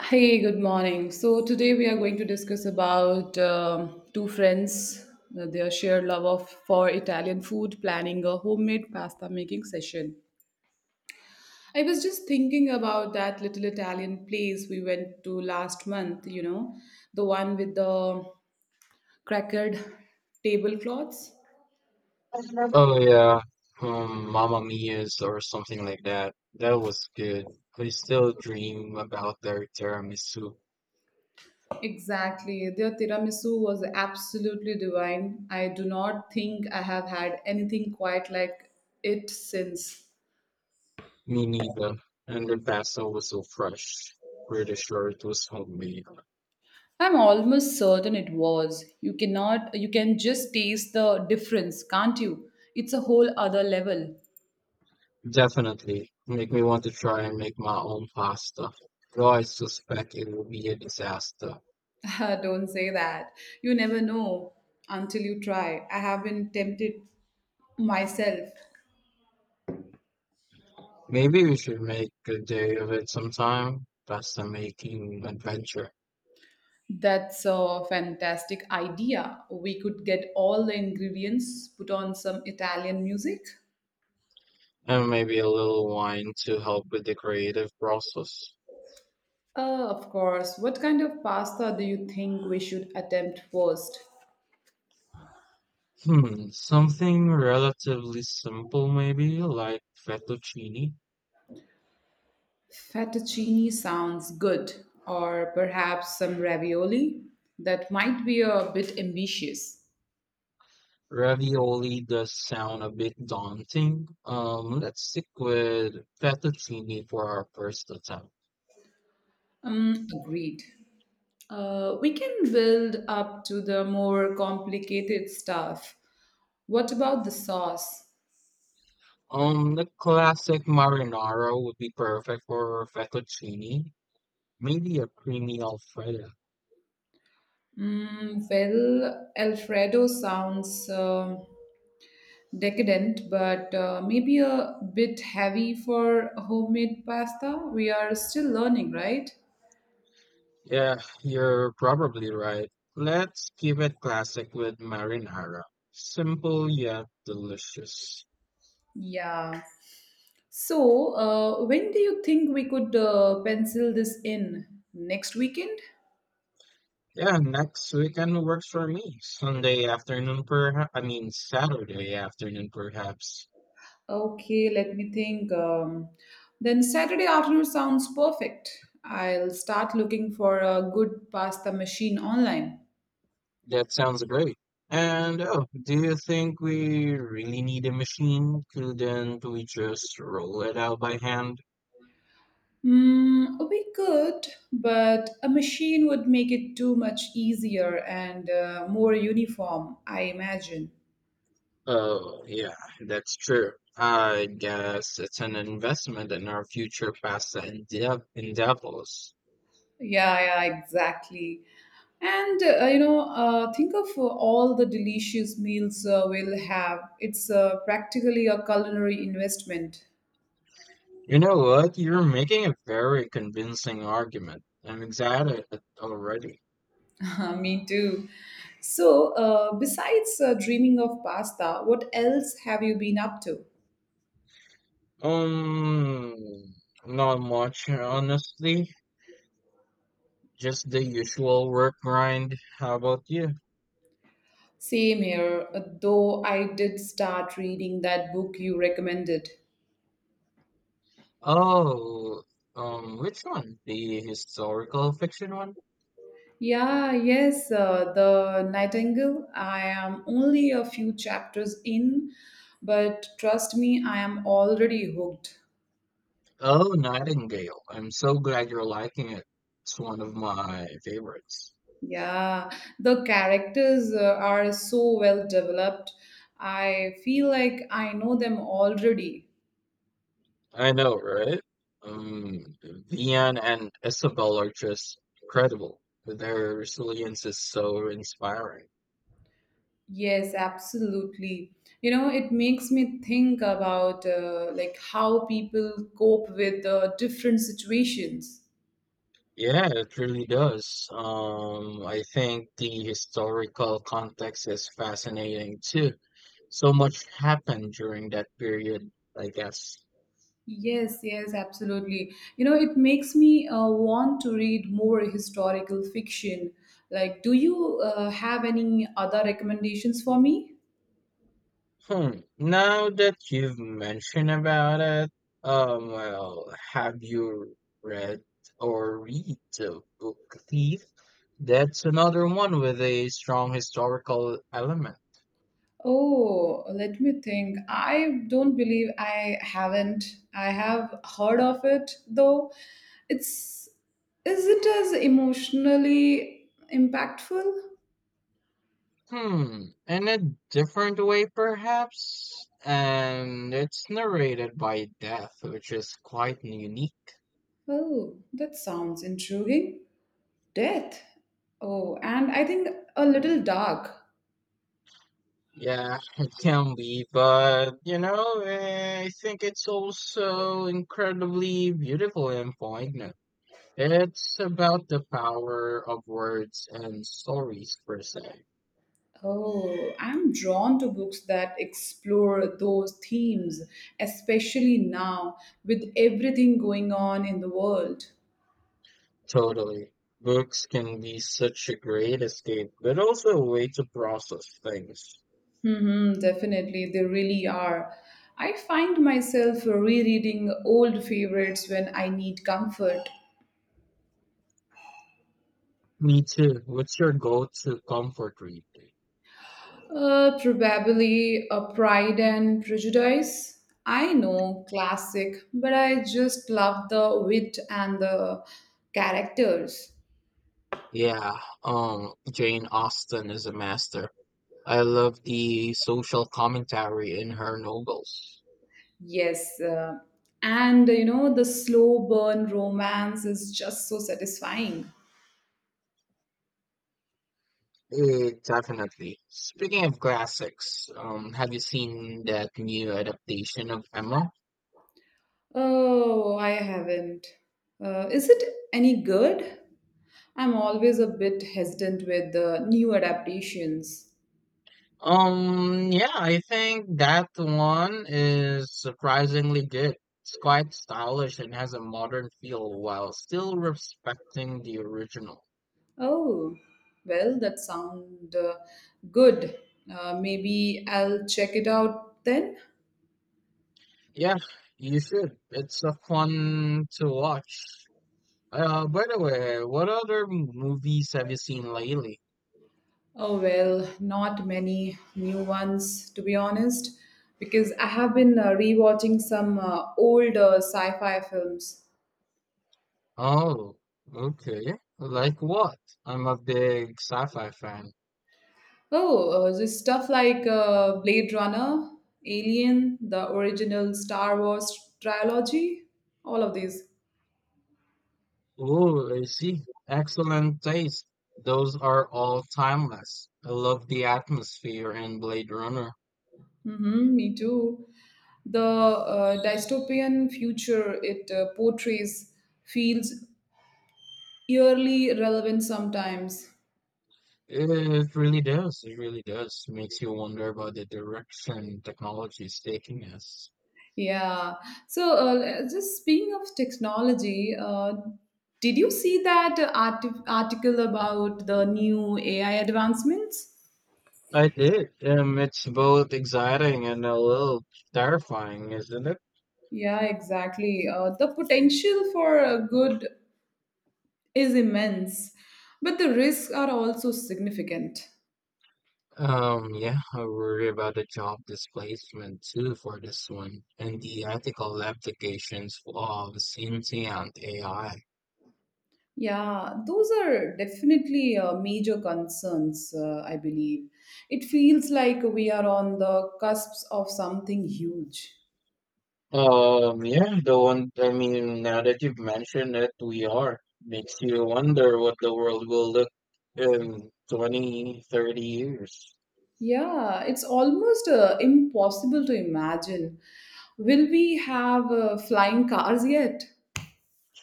Hey, good morning. So today we are going to discuss about two friends, their shared love of for Italian food, planning a homemade pasta making session. I was just thinking about that little Italian place we went to last month, you know, the one with the crackered tablecloths. Oh yeah, Mamma Mia's or something like that. That was good. I still dream about their tiramisu. Exactly. Their tiramisu was absolutely divine. I do not think I have had anything quite like it since. Me neither. And the basil was so fresh. Pretty sure it was homemade. I'm almost certain it was. You cannot, you can just taste the difference, can't you? It's a whole other level. Definitely make me want to try and make my own pasta. Though I suspect it will be a disaster. Don't say that. You never know until you try. I have been tempted myself. Maybe we should make a day of it sometime. Pasta making adventure. That's a fantastic idea. We could get all the ingredients, put on some Italian music. And maybe a little wine to help with the creative process. Of course. What kind of pasta do you think we should attempt first? Hmm, something relatively simple maybe, like fettuccine. Fettuccine sounds good, or perhaps some ravioli. That might be a bit ambitious. Ravioli does sound a bit daunting. Let's stick with fettuccine for our first attempt. Agreed. We can build up to the more complicated stuff. What about the sauce? The classic marinara would be perfect for fettuccine. Maybe a creamy alfredo. Mm, well, Alfredo sounds decadent, but maybe a bit heavy for homemade pasta. We are still learning, right? Yeah, you're probably right. Let's keep it classic with marinara. Simple yet delicious. Yeah. So, when do you think we could pencil this in? Next weekend? Yeah, next weekend works for me. Sunday afternoon, perhaps. I mean, Saturday afternoon, perhaps. Okay, let me think. Then Saturday afternoon sounds perfect. I'll start looking for a good pasta machine online. That sounds great. And oh, do you think we really need a machine? Couldn't we just roll it out by hand? Mm, we could, but a machine would make it too much easier and more uniform, I imagine. Oh, yeah, that's true. I guess it's an investment in our future pasta endeavors. Yeah, yeah, exactly. And you know, think of all the delicious meals we'll have. It's practically a culinary investment. You know what? You're making a very convincing argument. I'm excited already. Me too. So, besides dreaming of pasta, what else have you been up to? Um, Not much, honestly. Just the usual work grind. How about you? Same here, though I did start reading that book you recommended. Oh, which one? The historical fiction one? Yeah, yes, The Nightingale. I am only a few chapters in, but trust me, I am already hooked. Oh, Nightingale. I'm so glad you're liking it. It's one of my favorites. Yeah, the characters are so well developed. I feel like I know them already. I know, right? Vian and Isabel are just incredible. Their resilience is so inspiring. Yes, absolutely. You know, it makes me think about like how people cope with different situations. Yeah, it really does. I think the historical context is fascinating too. So much happened during that period, I guess. Yes, yes, absolutely. You know, it makes me want to read more historical fiction. Like, do you have any other recommendations for me? Hmm. Now that you've mentioned about it, well, have you read read the book Thief? That's another one with a strong historical element. Oh, let me think. I don't believe I haven't. I have heard of it though. It's is it as emotionally impactful? Hmm, in a different way, perhaps? And it's narrated by Death, which is quite unique. Oh, that sounds intriguing. Death. Oh, and I think a little dark. Yeah, it can be, but I think it's also incredibly beautiful and poignant. It's about the power of words and stories, per se. Oh, I'm drawn to books that explore those themes, especially now with everything going on in the world. Totally. Books can be such a great escape, but also a way to process things. Hmm, definitely, they really are. I find myself rereading old favorites when I need comfort. Me too. What's your go-to comfort read? Probably a Pride and Prejudice. I know, classic, but I just love the wit and the characters. Yeah, Jane Austen is a master. I love the social commentary in her novels. Yes. And you know, the slow burn romance is just so satisfying. Eh, definitely. Speaking of classics, have you seen that new adaptation of Emma? Oh, I haven't. Is it any good? I'm always a bit hesitant with the new adaptations. Yeah, I think that one is surprisingly good. It's quite stylish and has a modern feel while still respecting the original. Oh, well, that sound good. Maybe I'll check it out then. Yeah, you should. It's a fun to watch. By the way, what other movies have you seen lately? Oh, well, not many new ones, to be honest, because I have been rewatching some old sci fi films. Oh, okay. Like what? I'm a big sci-fi fan. Oh, just stuff like Blade Runner, Alien, the original Star Wars trilogy, all of these. Oh, I see. Excellent taste. Those are all timeless. I love the atmosphere in Blade Runner. Hmm, me too. The dystopian future it portrays feels eerily relevant sometimes. It really does. It really does. Makes you wonder about the direction technology is taking us. Yeah. So, just speaking of technology, did you see that article about the new AI advancements? I did. It's both exciting and a little terrifying, isn't it? Yeah, exactly. The potential for good is immense, but the risks are also significant. Yeah, I worry about the job displacement too for this one, and the ethical applications of sentient AI. Yeah, those are definitely major concerns, I believe. It feels like we are on the cusps of something huge. Yeah, the one, I mean, Now that you've mentioned it, we are. Makes you wonder what the world will look in 20, 30 years. Yeah, it's almost impossible to imagine. Will we have flying cars yet?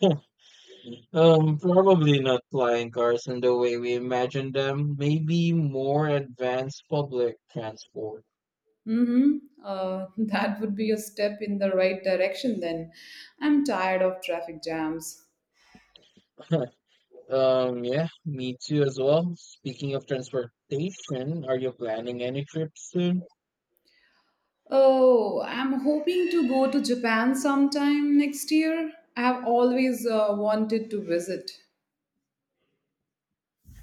Probably not flying cars in the way we imagine them. Maybe more advanced public transport. Mm-hmm. That would be a step in the right direction then. I'm tired of traffic jams. Yeah, me too as well. Speaking of transportation, are you planning any trips soon? Oh, I'm hoping to go to Japan sometime next year. I have always wanted to visit.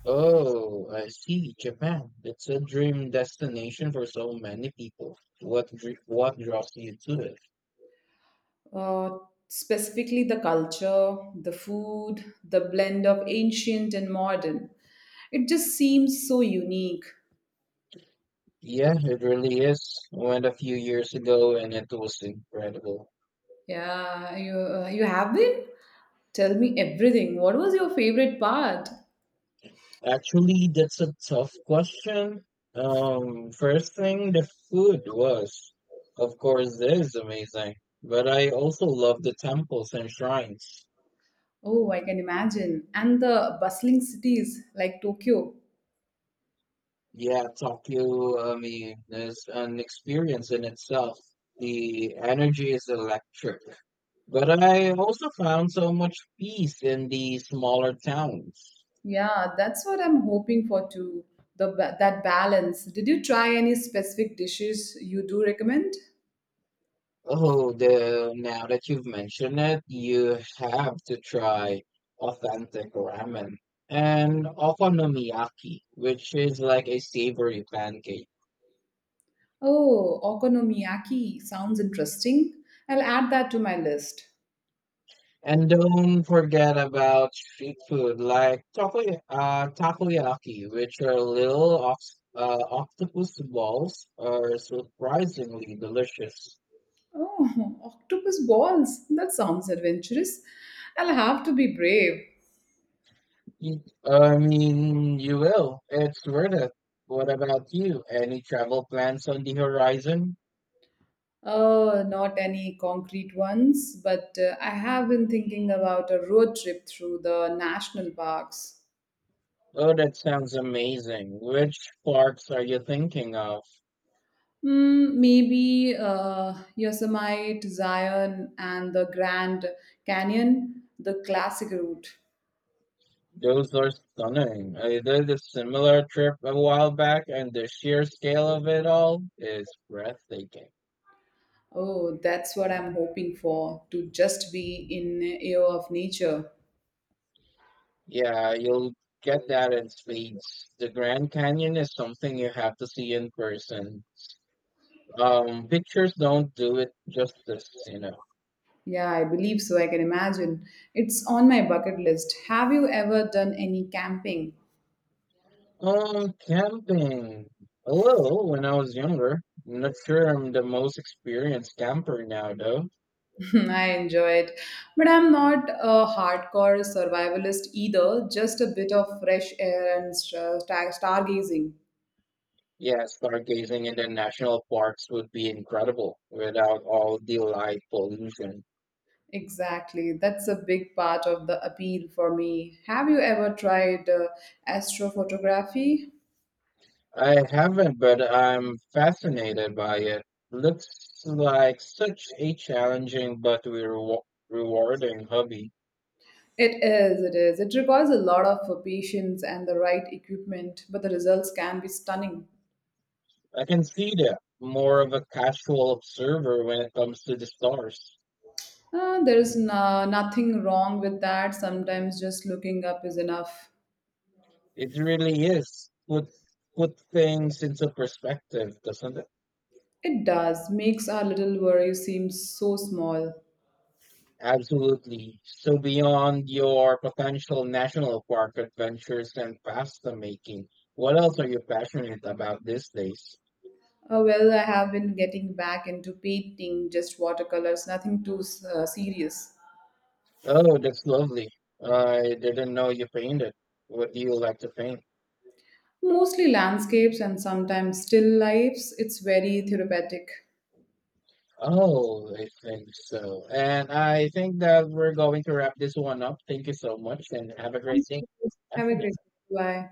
Oh, I see, Japan. It's a dream destination for so many people. What what draws you to it? Uh, specifically, the culture, the food, the blend of ancient and modern. It just seems so unique. Yeah, it really is. I went a few years ago and it was incredible. Yeah, you you have been? Tell me everything. What was your favorite part? Actually, that's a tough question. First thing, the food was, of course, is amazing, but I also love the temples and shrines. Oh, I can imagine. And the bustling cities like Tokyo. Yeah, Tokyo, I mean, is an experience in itself. The energy is electric, but I also found so much peace in the smaller towns. Yeah, that's what I'm hoping for too. The that balance. Did you try any specific dishes you do recommend? Oh, the Now that you've mentioned it, you have to try authentic ramen and okonomiyaki, which is like a savory pancake. Oh, okonomiyaki sounds interesting. I'll add that to my list. And don't forget about street food like takoyaki, which are little ox octopus balls, are surprisingly delicious. Oh, octopus balls. That sounds adventurous. I'll have to be brave. You will. It's worth it. What about you? Any travel plans on the horizon? Not any concrete ones, but I have been thinking about a road trip through the national parks. Oh, that sounds amazing. Which parks are you thinking of? Mm, maybe Yosemite, Zion, and the Grand Canyon, the classic route. Those are stunning. I did a similar trip a while back, and the sheer scale of it all is breathtaking. Oh, that's what I'm hoping for to just be in awe of nature. Yeah, you'll get that in spades. The Grand Canyon is something you have to see in person. Pictures don't do it justice, you know. Yeah, I believe so. I can imagine. It's on my bucket list. Have you ever done any camping? Camping. A little when I was younger. I'm not sure I'm the most experienced camper now, though. I enjoy it. But I'm not a hardcore survivalist either, just a bit of fresh air and stargazing. Yeah, stargazing in the national parks would be incredible without all the light pollution. Exactly. That's a big part of the appeal for me. Have you ever tried astrophotography? I haven't, but I'm fascinated by it. Looks like such a challenging but rewarding hobby. It is, it is. It requires a lot of patience and the right equipment, but the results can be stunning. I can see that. More of a casual observer when it comes to the stars. There is nothing wrong with that. Sometimes just looking up is enough. It really is. Put things into perspective, doesn't it? It does, makes our little worries seem so small. Absolutely. So beyond your potential national park adventures and pasta making, what else are you passionate about these days? Oh, well, I have been getting back into painting, just watercolors, nothing too serious. Oh, that's lovely. I didn't know you painted. What do you like to paint? Mostly landscapes and sometimes still lifes. It's very therapeutic. Thank Oh, I think so. And I think that we're going to wrap this one up. Thank you so much and have a great day. you. Have a Afternoon. great day. Bye.